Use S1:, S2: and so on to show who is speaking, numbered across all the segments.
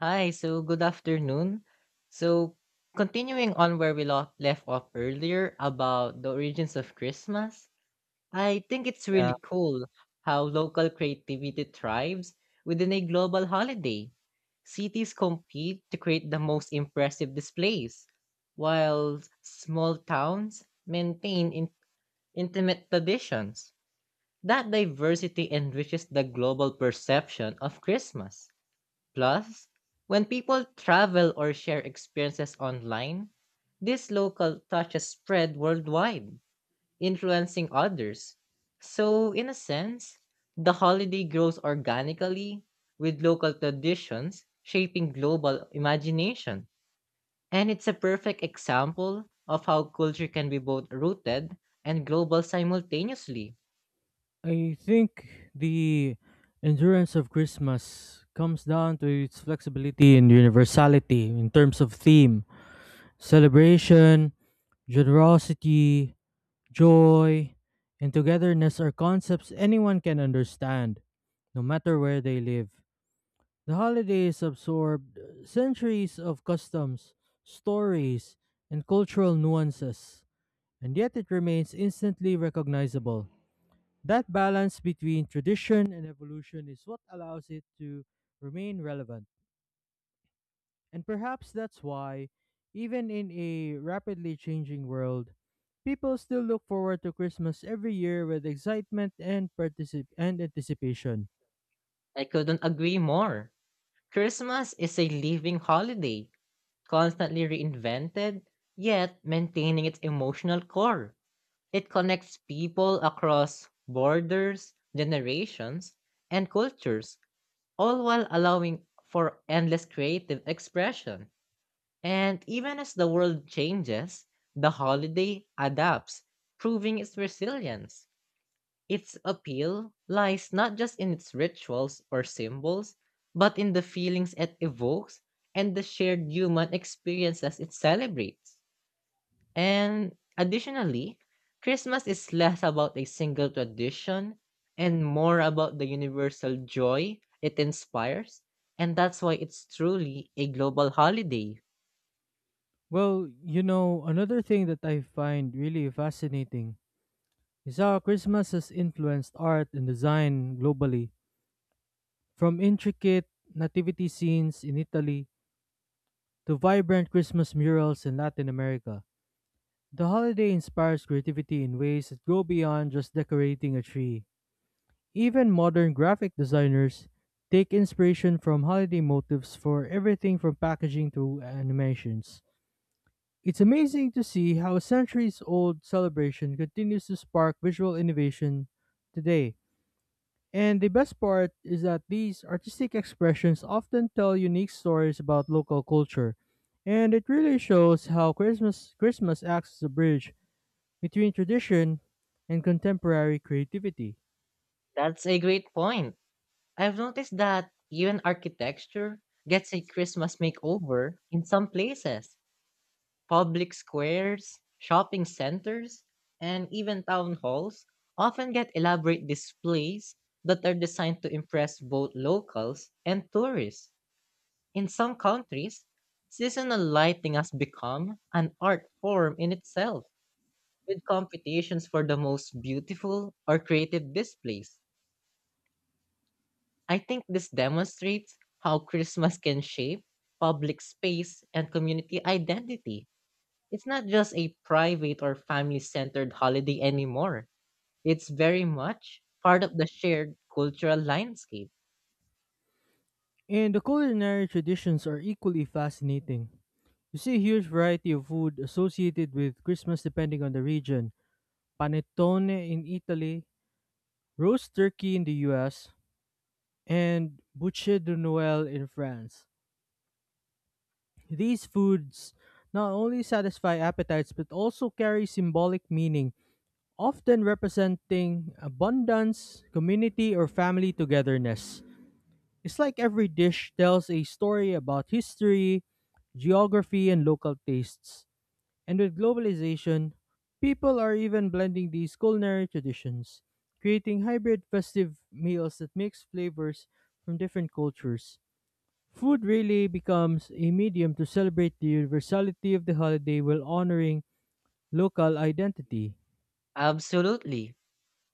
S1: Hi, so good afternoon. So, continuing on where left off earlier about the origins of Christmas, I think it's
S2: Yeah,
S1: really cool how local creativity thrives within a global holiday. Cities compete to create the most impressive displays, while small towns maintain intimate traditions. That diversity enriches the global perception of Christmas. Plus, when people travel or share experiences online, these local touches spread worldwide, influencing others. So, in a sense, the holiday grows organically with local traditions shaping global imagination. And it's a perfect example of how culture can be both rooted and global simultaneously.
S2: I think the endurance of Christmas comes down to its flexibility and universality in terms of theme, celebration, generosity, joy, and togetherness are concepts anyone can understand, no matter where they live. The holidays absorbed centuries of customs, stories, and cultural nuances, and yet it remains instantly recognizable. That balance between tradition and evolution is what allows it to remain relevant. And perhaps that's why, even in a rapidly changing world, people still look forward to Christmas every year with excitement and and anticipation.
S1: I couldn't agree more. Christmas is a living holiday constantly reinvented, yet maintaining its emotional core. It connects people across borders, generations, and cultures, all while allowing for endless creative expression. And even as the world changes, the holiday adapts, proving its resilience. Its appeal lies not just in its rituals or symbols, but in the feelings it evokes and the shared human experiences it celebrates. And additionally, Christmas is less about a single tradition and more about the universal joy it inspires, and that's why it's truly a global holiday.
S2: Well, another thing that I find really fascinating is how Christmas has influenced art and design globally. From intricate nativity scenes in Italy to vibrant Christmas murals in Latin America. The holiday inspires creativity in ways that go beyond just decorating a tree. Even modern graphic designers take inspiration from holiday motifs for everything from packaging to animations. It's amazing to see how a centuries old celebration continues to spark visual innovation today. And the best part is that these artistic expressions often tell unique stories about local culture. And it really shows how Christmas acts as a bridge between tradition and contemporary creativity.
S1: That's a great point. I've noticed that even architecture gets a Christmas makeover in some places. Public squares, shopping centers, and even town halls often get elaborate displays that are designed to impress both locals and tourists. In some countries, seasonal lighting has become an art form in itself, with competitions for the most beautiful or creative displays. I think this demonstrates how Christmas can shape public space and community identity. It's not just a private or family centered holiday anymore. It's very much part of the shared cultural landscape.
S2: And the culinary traditions are equally fascinating. You see a huge variety of food associated with Christmas depending on the region. Panettone in Italy, roast turkey in the US, and bouche de Noël in France. These foods not only satisfy appetites but also carry symbolic meaning, often representing abundance, community, or family togetherness. It's like every dish tells a story about history, geography, and local tastes. And with globalization, people are even blending these culinary traditions, creating hybrid festive meals that mix flavors from different cultures. Food really becomes a medium to celebrate the universality of the holiday while honoring local identity.
S1: Absolutely.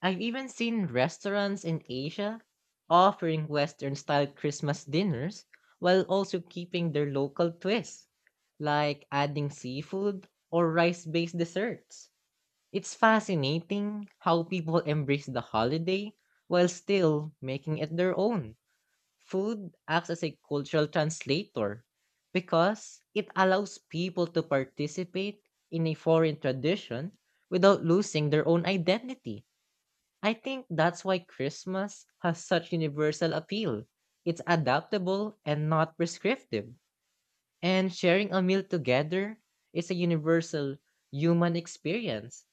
S1: I've even seen restaurants in Asia offering Western style Christmas dinners while also keeping their local twists, like adding seafood or rice based desserts. It's fascinating how people embrace the holiday while still making it their own. Food acts as a cultural translator because it allows people to participate in a foreign tradition without losing their own identity. I think that's why Christmas has such universal appeal. It's adaptable and not prescriptive. And sharing a meal together is a universal human experience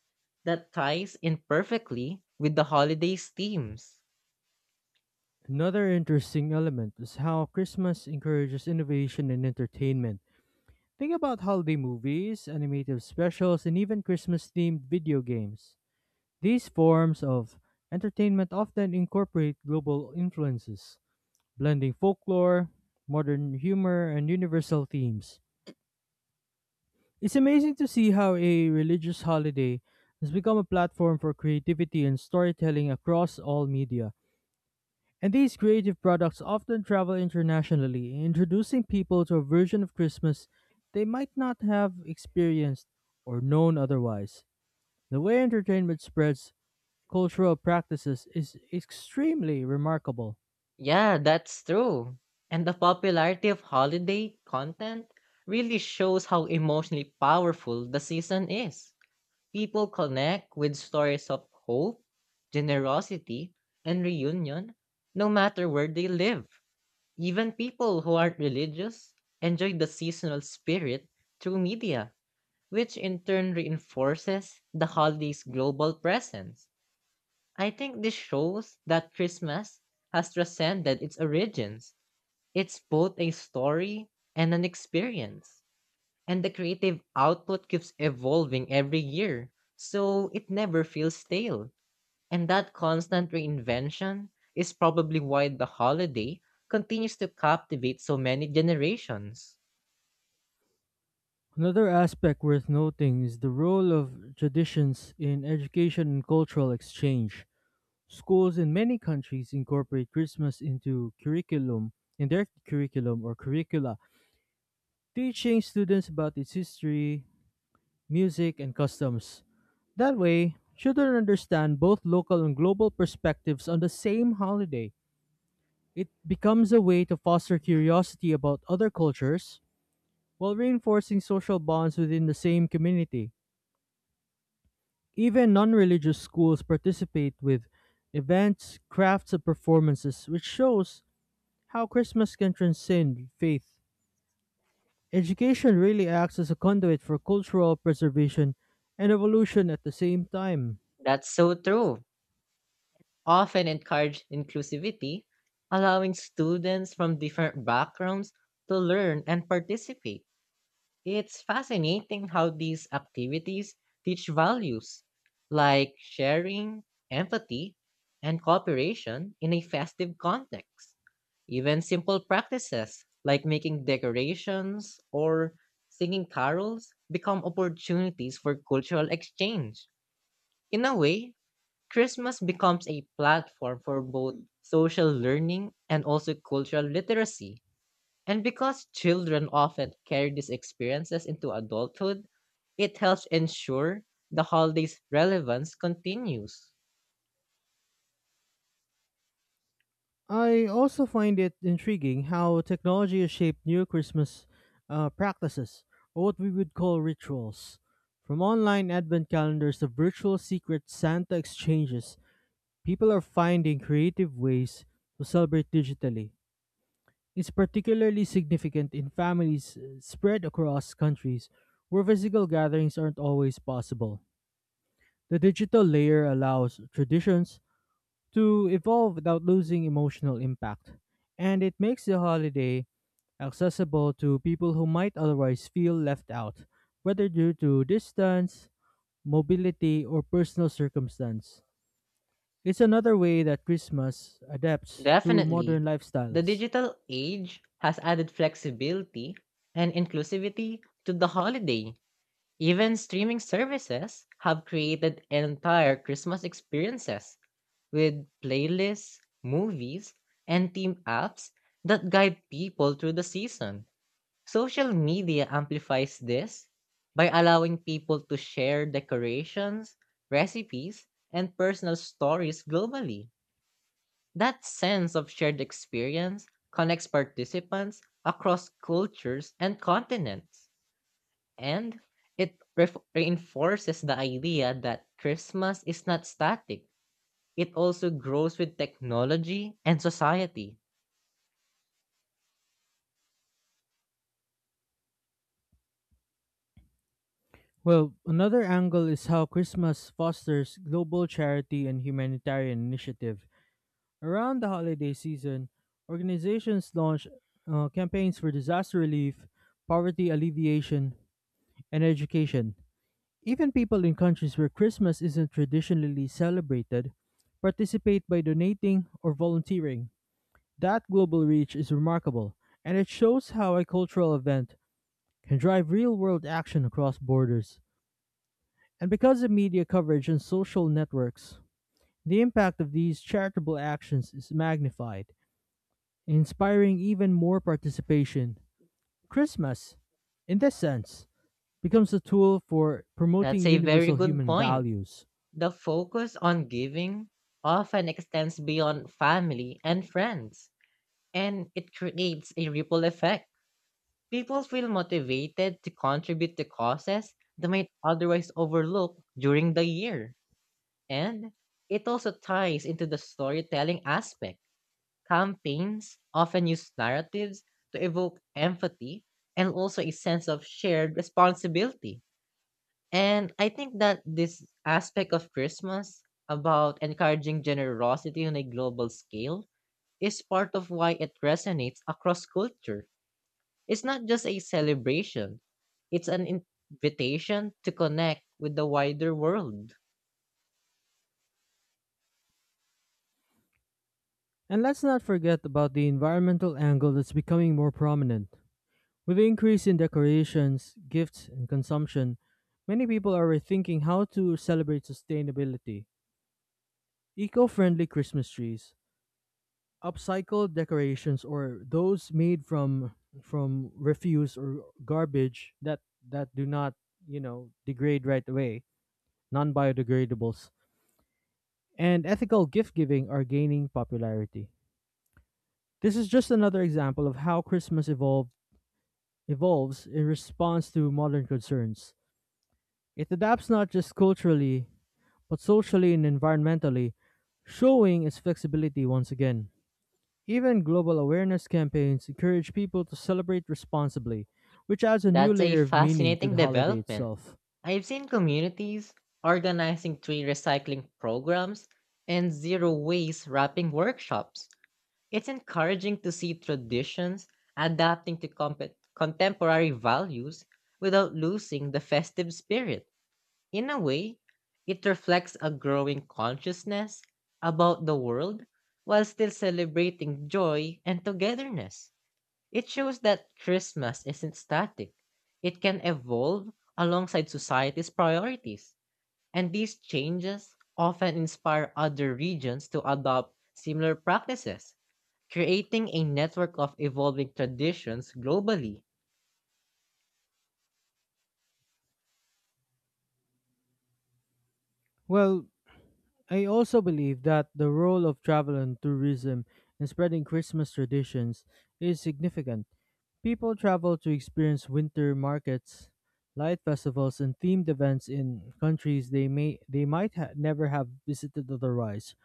S1: that ties in perfectly with the holiday's themes.
S2: Another interesting element is how Christmas encourages innovation and entertainment. Think about holiday movies, animated specials, and even Christmas themed video games. These forms of entertainment often incorporate global influences, blending folklore, modern humor, and universal themes. It's amazing to see how a religious holiday has become a platform for creativity and storytelling across all media. And these creative products often travel internationally, introducing people to a version of Christmas they might not have experienced or known otherwise. The way entertainment spreads cultural practices is extremely remarkable.
S1: Yeah, that's true. And the popularity of holiday content really shows how emotionally powerful the season is. People connect with stories of hope, generosity, and reunion, no matter where they live. Even people who aren't religious enjoy the seasonal spirit through media, which in turn reinforces the holiday's global presence. I think this shows that Christmas has transcended its origins. It's both a story and an experience, and the creative output keeps evolving every year, so it never feels stale. And that constant reinvention is probably why the holiday continues to captivate so many generations.
S2: Another aspect worth noting is the role of traditions in education and cultural exchange. Schools in many countries incorporate Christmas into curriculum in their curriculum or curricula, teaching students about its history, music, and customs. That way, children understand both local and global perspectives on the same holiday. It becomes a way to foster curiosity about other cultures while reinforcing social bonds within the same community. Even non religious schools participate with events, crafts, and performances, which shows how Christmas can transcend faith. Education really acts as a conduit for cultural preservation and evolution at the same time.
S1: That's so true. Often encourage inclusivity, allowing students from different backgrounds to learn and participate. It's fascinating how these activities teach values like sharing, empathy, and cooperation in a festive context. Even simple practices like making decorations or singing carols become opportunities for cultural exchange. In a way, Christmas becomes a platform for both social learning and also cultural literacy. And because children often carry these experiences into adulthood, it helps ensure the holiday's relevance continues.
S2: I also find it intriguing how technology has shaped new Christmas practices, or what we would call rituals. From online advent calendars to virtual secret Santa exchanges, people are finding creative ways to celebrate digitally. It's particularly significant in families spread across countries where physical gatherings aren't always possible. The digital layer allows traditions to evolve without losing emotional impact, and it makes the holiday accessible to people who might otherwise feel left out, whether due to distance, mobility, or personal circumstance. It's another way that Christmas adapts to modern
S1: Definitely, the
S2: lifestyles.
S1: digital age has added flexibility and inclusivity to the holiday. Even streaming services have created entire Christmas experiences with playlists, movies, and theme apps that guide people through the season. Social media amplifies this by allowing people to share decorations, recipes, and personal stories globally. That sense of shared experience connects participants across cultures and continents. And reinforces the idea that Christmas is not static, it also grows with technology and society.
S2: Well, another angle is how Christmas fosters global charity and humanitarian initiative. Around the holiday season, organizations launch campaigns for disaster relief, poverty alleviation, and education. Even people in countries where Christmas isn't traditionally celebrated participate by donating or volunteering. That global reach is remarkable, and it shows how a cultural event can drive real world action across borders. And because of media coverage and social networks, the impact of these charitable actions is magnified, inspiring even more participation. Christmas, in this sense, becomes a tool for promoting
S1: That's a very
S2: universal
S1: good
S2: human
S1: point.
S2: values.
S1: The focus on giving often extends beyond family and friends, and it creates a ripple effect. People feel motivated to contribute to causes they might otherwise overlook during the year. And it also ties into the storytelling aspect. Campaigns often use narratives to evoke empathy and also a sense of shared responsibility. And I think that this aspect of Christmas about encouraging generosity on a global scale is part of why it resonates across culture. It's not just a celebration, it's an invitation to connect with the wider world.
S2: And let's not forget about the environmental angle that's becoming more prominent. With the increase in decorations, gifts, and consumption, many people are rethinking how to celebrate sustainability. Eco friendly Christmas trees, upcycled decorations, or those made from refuse or garbage that do not degrade right away, non-biodegradables, and ethical gift giving are gaining popularity. This is just another example of how Christmas evolved evolves in response to modern concerns. It adapts not just culturally but socially and environmentally, showing its flexibility once again. Even global awareness campaigns encourage people to celebrate responsibly, which adds a new
S1: That's a
S2: layer of meaning to
S1: fascinating
S2: the holiday
S1: development.
S2: itself.
S1: I've seen communities organizing tree recycling programs and zero waste wrapping workshops. It's encouraging to see traditions adapting to contemporary values without losing the festive spirit. In a way, it reflects a growing consciousness about the world while still celebrating joy and togetherness. It shows that Christmas isn't static. It can evolve alongside society's priorities, and these changes often inspire other regions to adopt similar practices, creating a network of evolving traditions globally.
S2: Well, I also believe that the role of travel and tourism in spreading Christmas traditions is significant. People travel to experience winter markets, light festivals, and themed events in countries they might never have visited otherwise.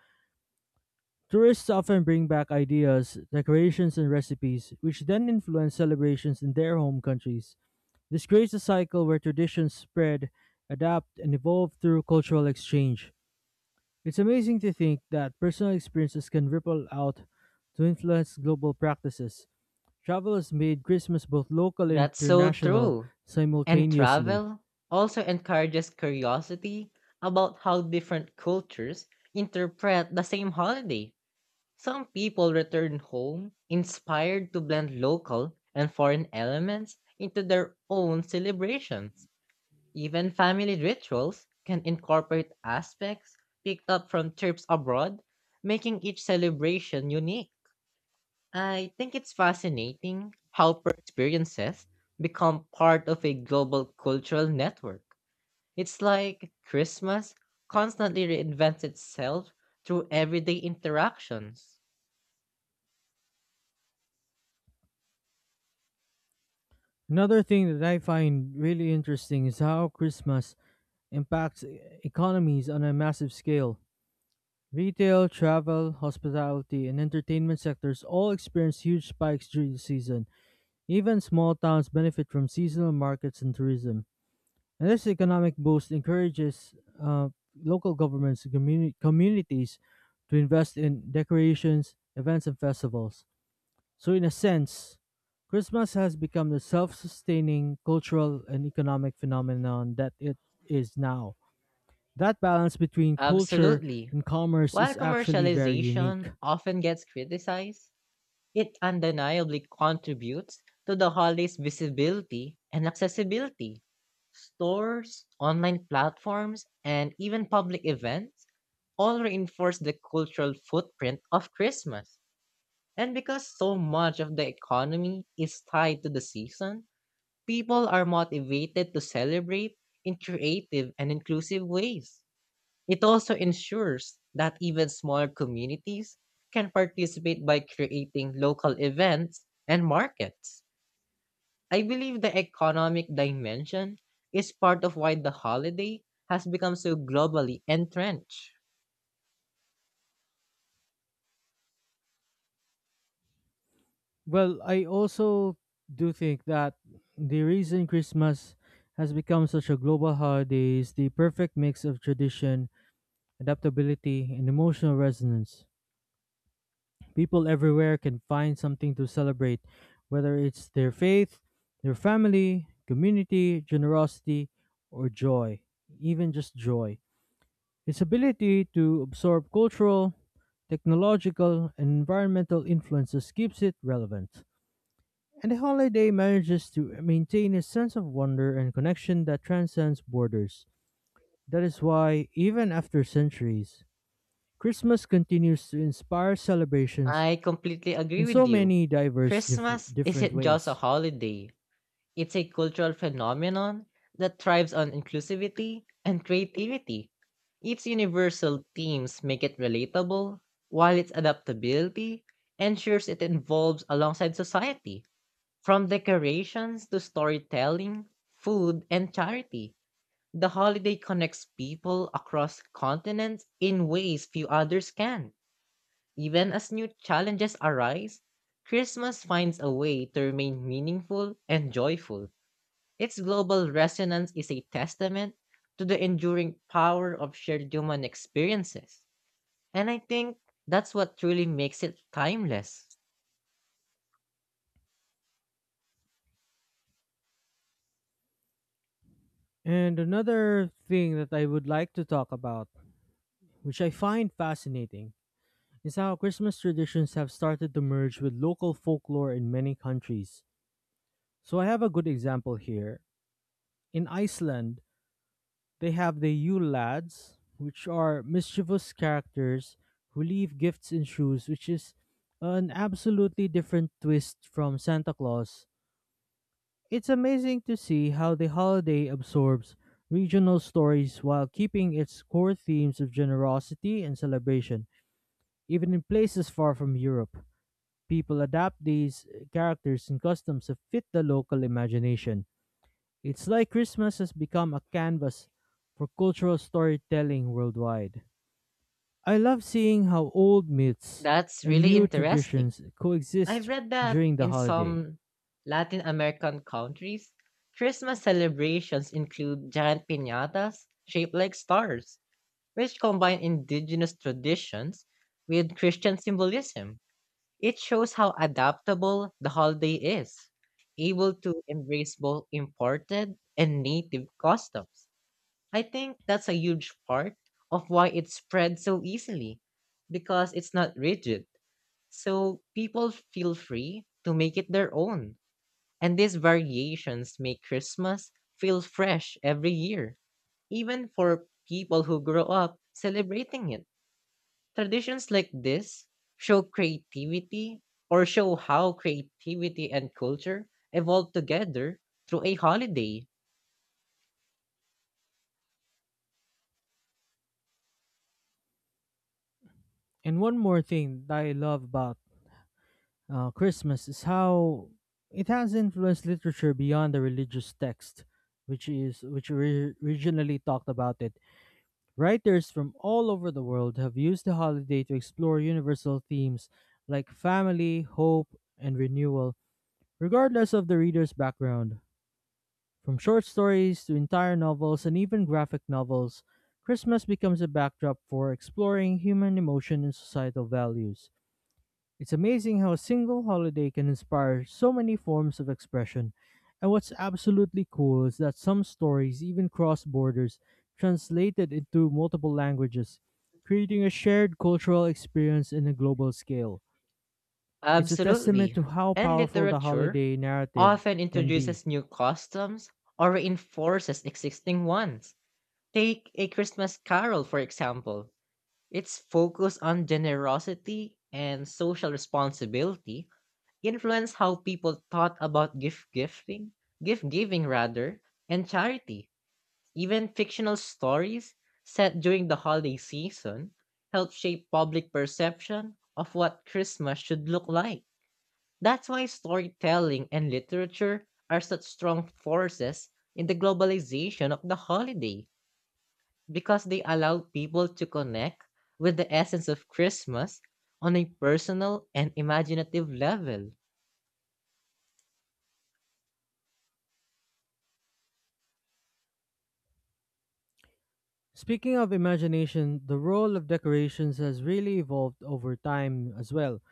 S2: Tourists often bring back ideas, decorations, and recipes, which then influence celebrations in their home countries. This creates a cycle where traditions spread, adapt, and evolve through cultural exchange. It's amazing to think that personal experiences can ripple out to influence global practices. Travel has made Christmas both local and
S1: That's so
S2: international
S1: true. And
S2: simultaneously.
S1: travel also encourages curiosity about how different cultures interpret the same holiday. Some people return home inspired to blend local and foreign elements into their own celebrations. Even family rituals can incorporate aspects picked up from trips abroad, making each celebration unique. I think it's fascinating how per experiences become part of a global cultural network. It's like Christmas constantly reinvents itself through everyday interactions.
S2: Another thing that I find really interesting is how Christmas impacts economies on a massive scale. Retail, travel, hospitality, and entertainment sectors all experienced huge spikes during the season. Even small towns benefit from seasonal markets and tourism. And this economic boost encourages uh, local governments and communities to invest in decorations, events, and festivals. So, in a sense, Christmas has become the self sustaining cultural and economic phenomenon that it is now. That balance between culture
S1: Absolutely.
S2: and commerce
S1: While
S2: is actually very
S1: commercialization
S2: unique.
S1: often gets criticized, it undeniably contributes to the holiday's visibility and accessibility. Stores, online platforms, and even public events all reinforce the cultural footprint of Christmas. And because so much of the economy is tied to the season, people are motivated to celebrate in creative and inclusive ways. It also ensures that even small communities can participate by creating local events and markets. I believe the economic dimension is part of why the holiday has become so globally entrenched.
S2: Well, I also do think that the reason Christmas has become such a global holiday is the perfect mix of tradition, adaptability, and emotional resonance. People everywhere can find something to celebrate, whether it's their faith, their family, community, generosity, or joy, even just joy. Its ability to absorb cultural, technological, and environmental influences keeps it relevant. And the holiday manages to maintain a sense of wonder and connection that transcends borders. That is why, even after centuries, Christmas continues to inspire celebrations
S1: I completely
S2: in
S1: agree
S2: so
S1: with you.
S2: many diverse,
S1: Christmas
S2: different
S1: isn't just a
S2: ways.
S1: holiday, it's a cultural phenomenon that thrives on inclusivity and creativity. Its universal themes make it relatable, while its adaptability ensures it evolves alongside society. From decorations to storytelling, food, and charity, the holiday connects people across continents in ways few others can. Even as new challenges arise, Christmas finds a way to remain meaningful and joyful. Its global resonance is a testament to the enduring power of shared human experiences. And I think that's what truly makes it timeless.
S2: And another thing that I would like to talk about, which I find fascinating, is how Christmas traditions have started to merge with local folklore in many countries. So I have a good example here. In Iceland, they have the Yule Lads, which are mischievous characters who leave gifts in shoes, which is an absolutely different twist from Santa Claus. It's amazing to see how the holiday absorbs regional stories while keeping its core themes of generosity and celebration, even in places far from Europe. People adapt these characters and customs to fit the local imagination. It's like Christmas has become a canvas for cultural storytelling worldwide. I love seeing how old myths
S1: That's
S2: and
S1: really
S2: new
S1: interesting.
S2: traditions
S1: I've
S2: coexist
S1: read that
S2: during the
S1: in
S2: holiday.
S1: some Latin American countries, Christmas celebrations include giant piñatas shaped like stars, which combine indigenous traditions with Christian symbolism. It shows how adaptable the holiday is, able to embrace both imported and native customs. I think that's a huge part of why it spread so easily because it's not rigid. So people feel free to make it their own. And these variations make Christmas feel fresh every year, even for people who grow up celebrating it. Traditions like this show creativity or show how creativity and culture evolve together through a holiday.
S2: And one more thing that I love about Christmas is how it has influenced literature beyond the religious text, which originally talked about it. Writers from all over the world have used the holiday to explore universal themes like family, hope, and renewal. Regardless of the reader's background, from short stories to entire novels and even graphic novels, Christmas becomes a backdrop for exploring human emotion and societal values. It's amazing how a single holiday can inspire so many forms of expression. And what's absolutely cool is that some stories even cross borders, translated into multiple languages, creating a shared cultural experience in a global scale. It's a testament
S1: Absolutely.
S2: to how
S1: And
S2: powerful the
S1: literature
S2: holiday narrative
S1: often
S2: can be.
S1: introduces new customs or reinforces existing ones. Take A Christmas Carol, for example. Its focus on generosity and social responsibility influenced how people thought about gift gifting, gift giving rather, and charity. Even fictional stories set during the holiday season help shape public perception of what Christmas should look like. That's why storytelling and literature are such strong forces in the globalization of the holiday because they allow people to connect with the essence of Christmas on a personal and imaginative level.
S2: Speaking of imagination, the role of decorations has really evolved over time as well.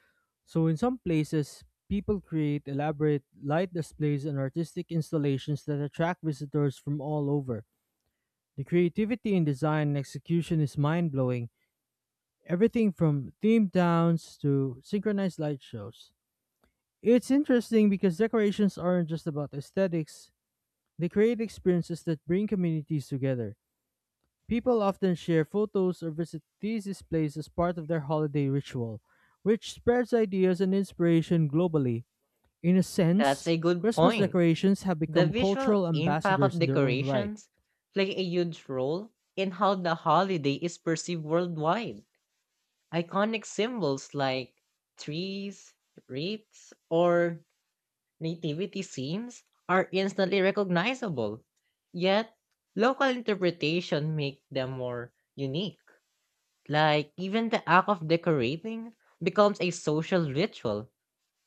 S2: So, in some places, people create elaborate light displays and artistic installations that attract visitors from all over. The creativity in design and execution is mind blowing, everything from themed towns to synchronized light shows. It's interesting because decorations aren't just about aesthetics, they create experiences that bring communities together. People often share photos or visit these displays as part of their holiday ritual, which spreads ideas and inspiration globally. In a
S1: That's
S2: sense,
S1: a good
S2: Christmas
S1: point.
S2: decorations have
S1: The
S2: become
S1: visual
S2: cultural
S1: impact
S2: ambassadors
S1: of
S2: in their own right.
S1: decorations play a huge role in how the holiday is perceived worldwide. Iconic symbols like trees, wreaths, or nativity scenes are instantly recognizable. Yet, local interpretation make them more unique. Like even the act of decorating becomes a social ritual,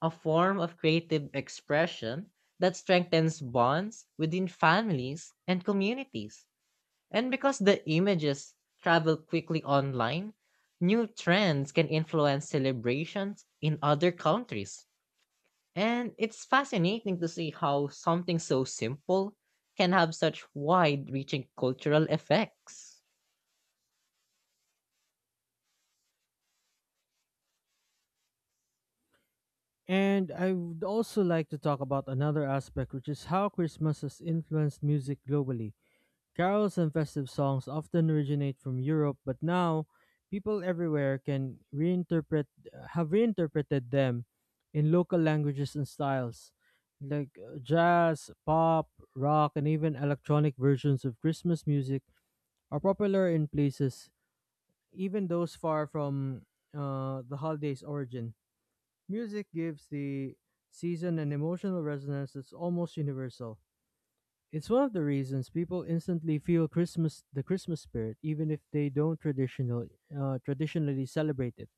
S1: a form of creative expression that strengthens bonds within families and communities. And because the images travel quickly online, new trends can influence celebrations in other countries. And it's fascinating to see how something so simple can have such wide reaching cultural effects.
S2: And I would also like to talk about another aspect, which is how Christmas has influenced music globally. Carols and festive songs often originate from Europe, but now people everywhere can reinterpret have reinterpreted them in local languages and styles, like jazz, pop, rock, and even electronic versions of Christmas music are popular in places even those far from the holiday's origin. Music gives the season an emotional resonance that's almost universal. It's one of the reasons people instantly feel Christmas, the Christmas spirit, even if they don't traditionally celebrate it.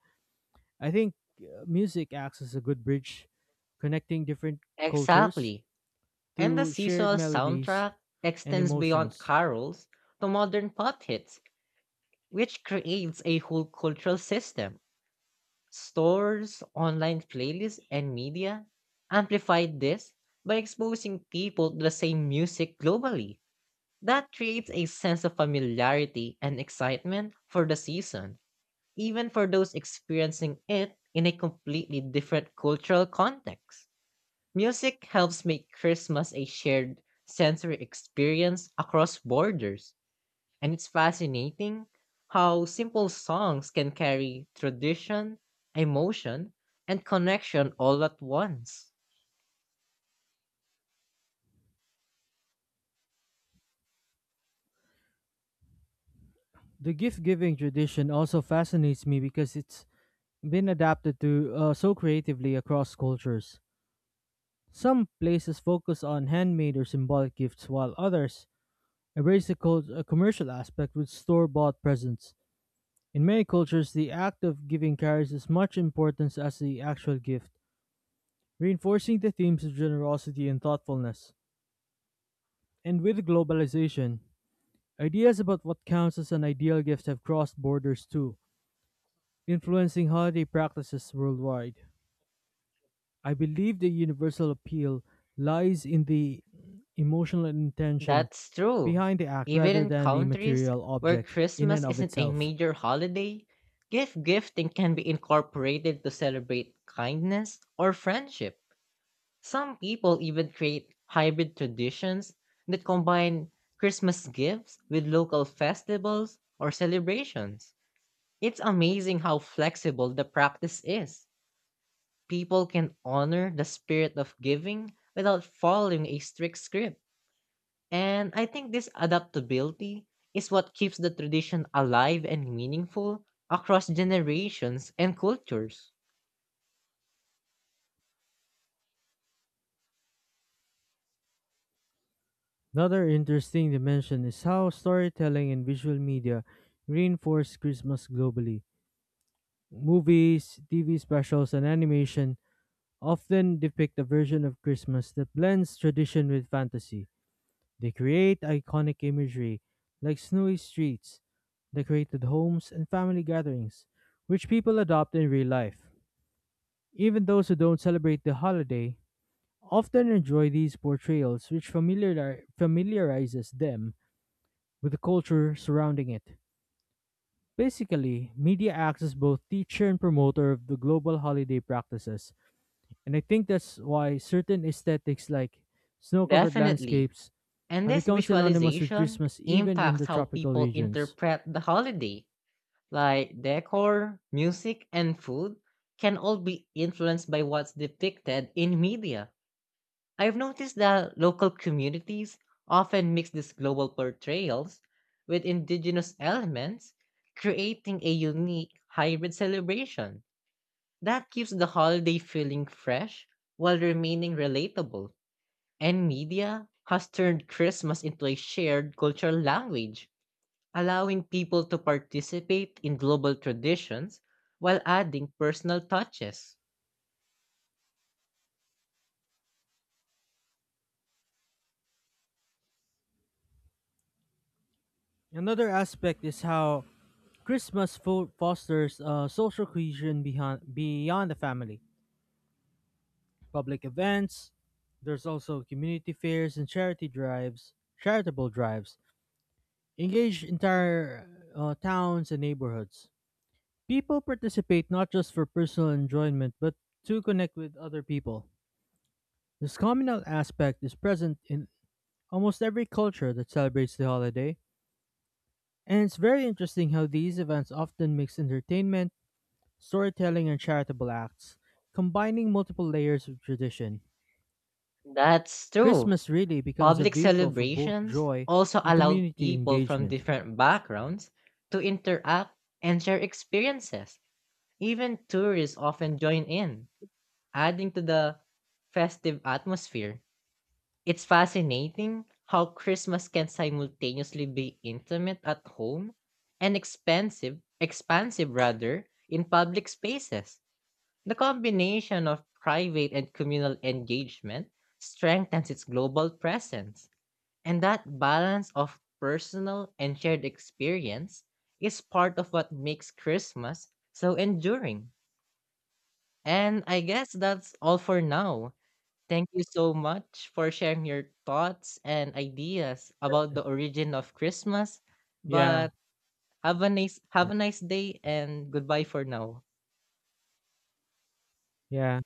S2: I think music acts as a good bridge, connecting different cultures
S1: Exactly. And the
S2: through shared
S1: seasonal
S2: melodies
S1: soundtrack
S2: and
S1: extends beyond
S2: emotions.
S1: carols to modern pop hits which creates a whole cultural system. Stores, online playlists, and media amplified this by exposing people to the same music globally. That creates a sense of familiarity and excitement for the season, even for those experiencing it in a completely different cultural context. Music helps make Christmas a shared sensory experience across borders and it's fascinating how simple songs can carry tradition, emotion, and connection all at once.
S2: The gift giving tradition also fascinates me because it's been adapted to so creatively across cultures. Some places focus on handmade or symbolic gifts, while others embrace the commercial aspect with store bought presents. In many cultures, the act of giving carries as much importance as the actual gift, reinforcing the themes of generosity and thoughtfulness. And with globalization, ideas about what counts as an ideal gift have crossed borders too, influencing holiday practices worldwide. I believe the universal appeal lies in the emotional intention
S1: That's true.
S2: behind the act
S1: Even
S2: rather
S1: in
S2: than the
S1: countries
S2: material
S1: where
S2: object in and
S1: Christmas
S2: of
S1: isn't a
S2: itself.
S1: major holiday, gift gifting can be incorporated to celebrate kindness or friendship. Some people even create hybrid traditions that combine Christmas gifts with local festivals or celebrations. It's amazing how flexible the practice is. People can honor the spirit of giving without following a strict script. And I think this adaptability is what keeps the tradition alive and meaningful across generations and cultures.
S2: Another interesting dimension is how storytelling and visual media reinforce Christmas globally. Movies, TV specials, and animation often depict a version of Christmas that blends tradition with fantasy. They create iconic imagery like snowy streets, decorated homes, and family gatherings, which people adopt in real life. Even those who don't celebrate the holiday often enjoy these portrayals, which familiarizes them with the culture surrounding it. Basically, media acts as both teacher and promoter of the global holiday practices, and I think that's why certain aesthetics like snow covered
S1: Definitely.
S2: landscapes
S1: And
S2: have
S1: this
S2: become synonymous with
S1: visualization
S2: Christmas even in the
S1: impacts how
S2: tropical
S1: people
S2: regions.
S1: interpret the holiday. Like decor, music, and food can all be influenced by what's depicted in media. I've noticed that local communities often mix these global portrayals with indigenous elements, creating a unique hybrid celebration that keeps the holiday feeling fresh while remaining relatable. And media has turned Christmas into a shared cultural language, allowing people to participate in global traditions while adding personal touches.
S2: Another aspect is how Christmas fosters social cohesion behind beyond the family. Public events, there's also community fairs and charitable drives engage entire towns and neighborhoods. People participate not just for personal enjoyment, but to connect with other people. This communal aspect is present in almost every culture that celebrates the holiday, and it's very interesting how these events often mix entertainment, storytelling, and charitable acts, combining multiple layers of tradition.
S1: That's true.
S2: Christmas really becomes a
S1: Public
S2: vehicle for both
S1: celebrations
S2: joy
S1: also
S2: and
S1: allow
S2: community
S1: people from
S2: engagement.
S1: different backgrounds to interact and share experiences. Even tourists often join in, adding to the festive atmosphere. It's fascinating how Christmas can simultaneously be intimate at home and expensive, expansive rather, in public spaces. The combination of private and communal engagement strengthens its global presence. And that balance of personal and shared experience is part of what makes Christmas so enduring. And I guess that's all for now. Thank you so much for sharing your thoughts and ideas about the origin of Christmas.
S2: Yeah,
S1: But have a nice day and goodbye for now.
S2: yeah.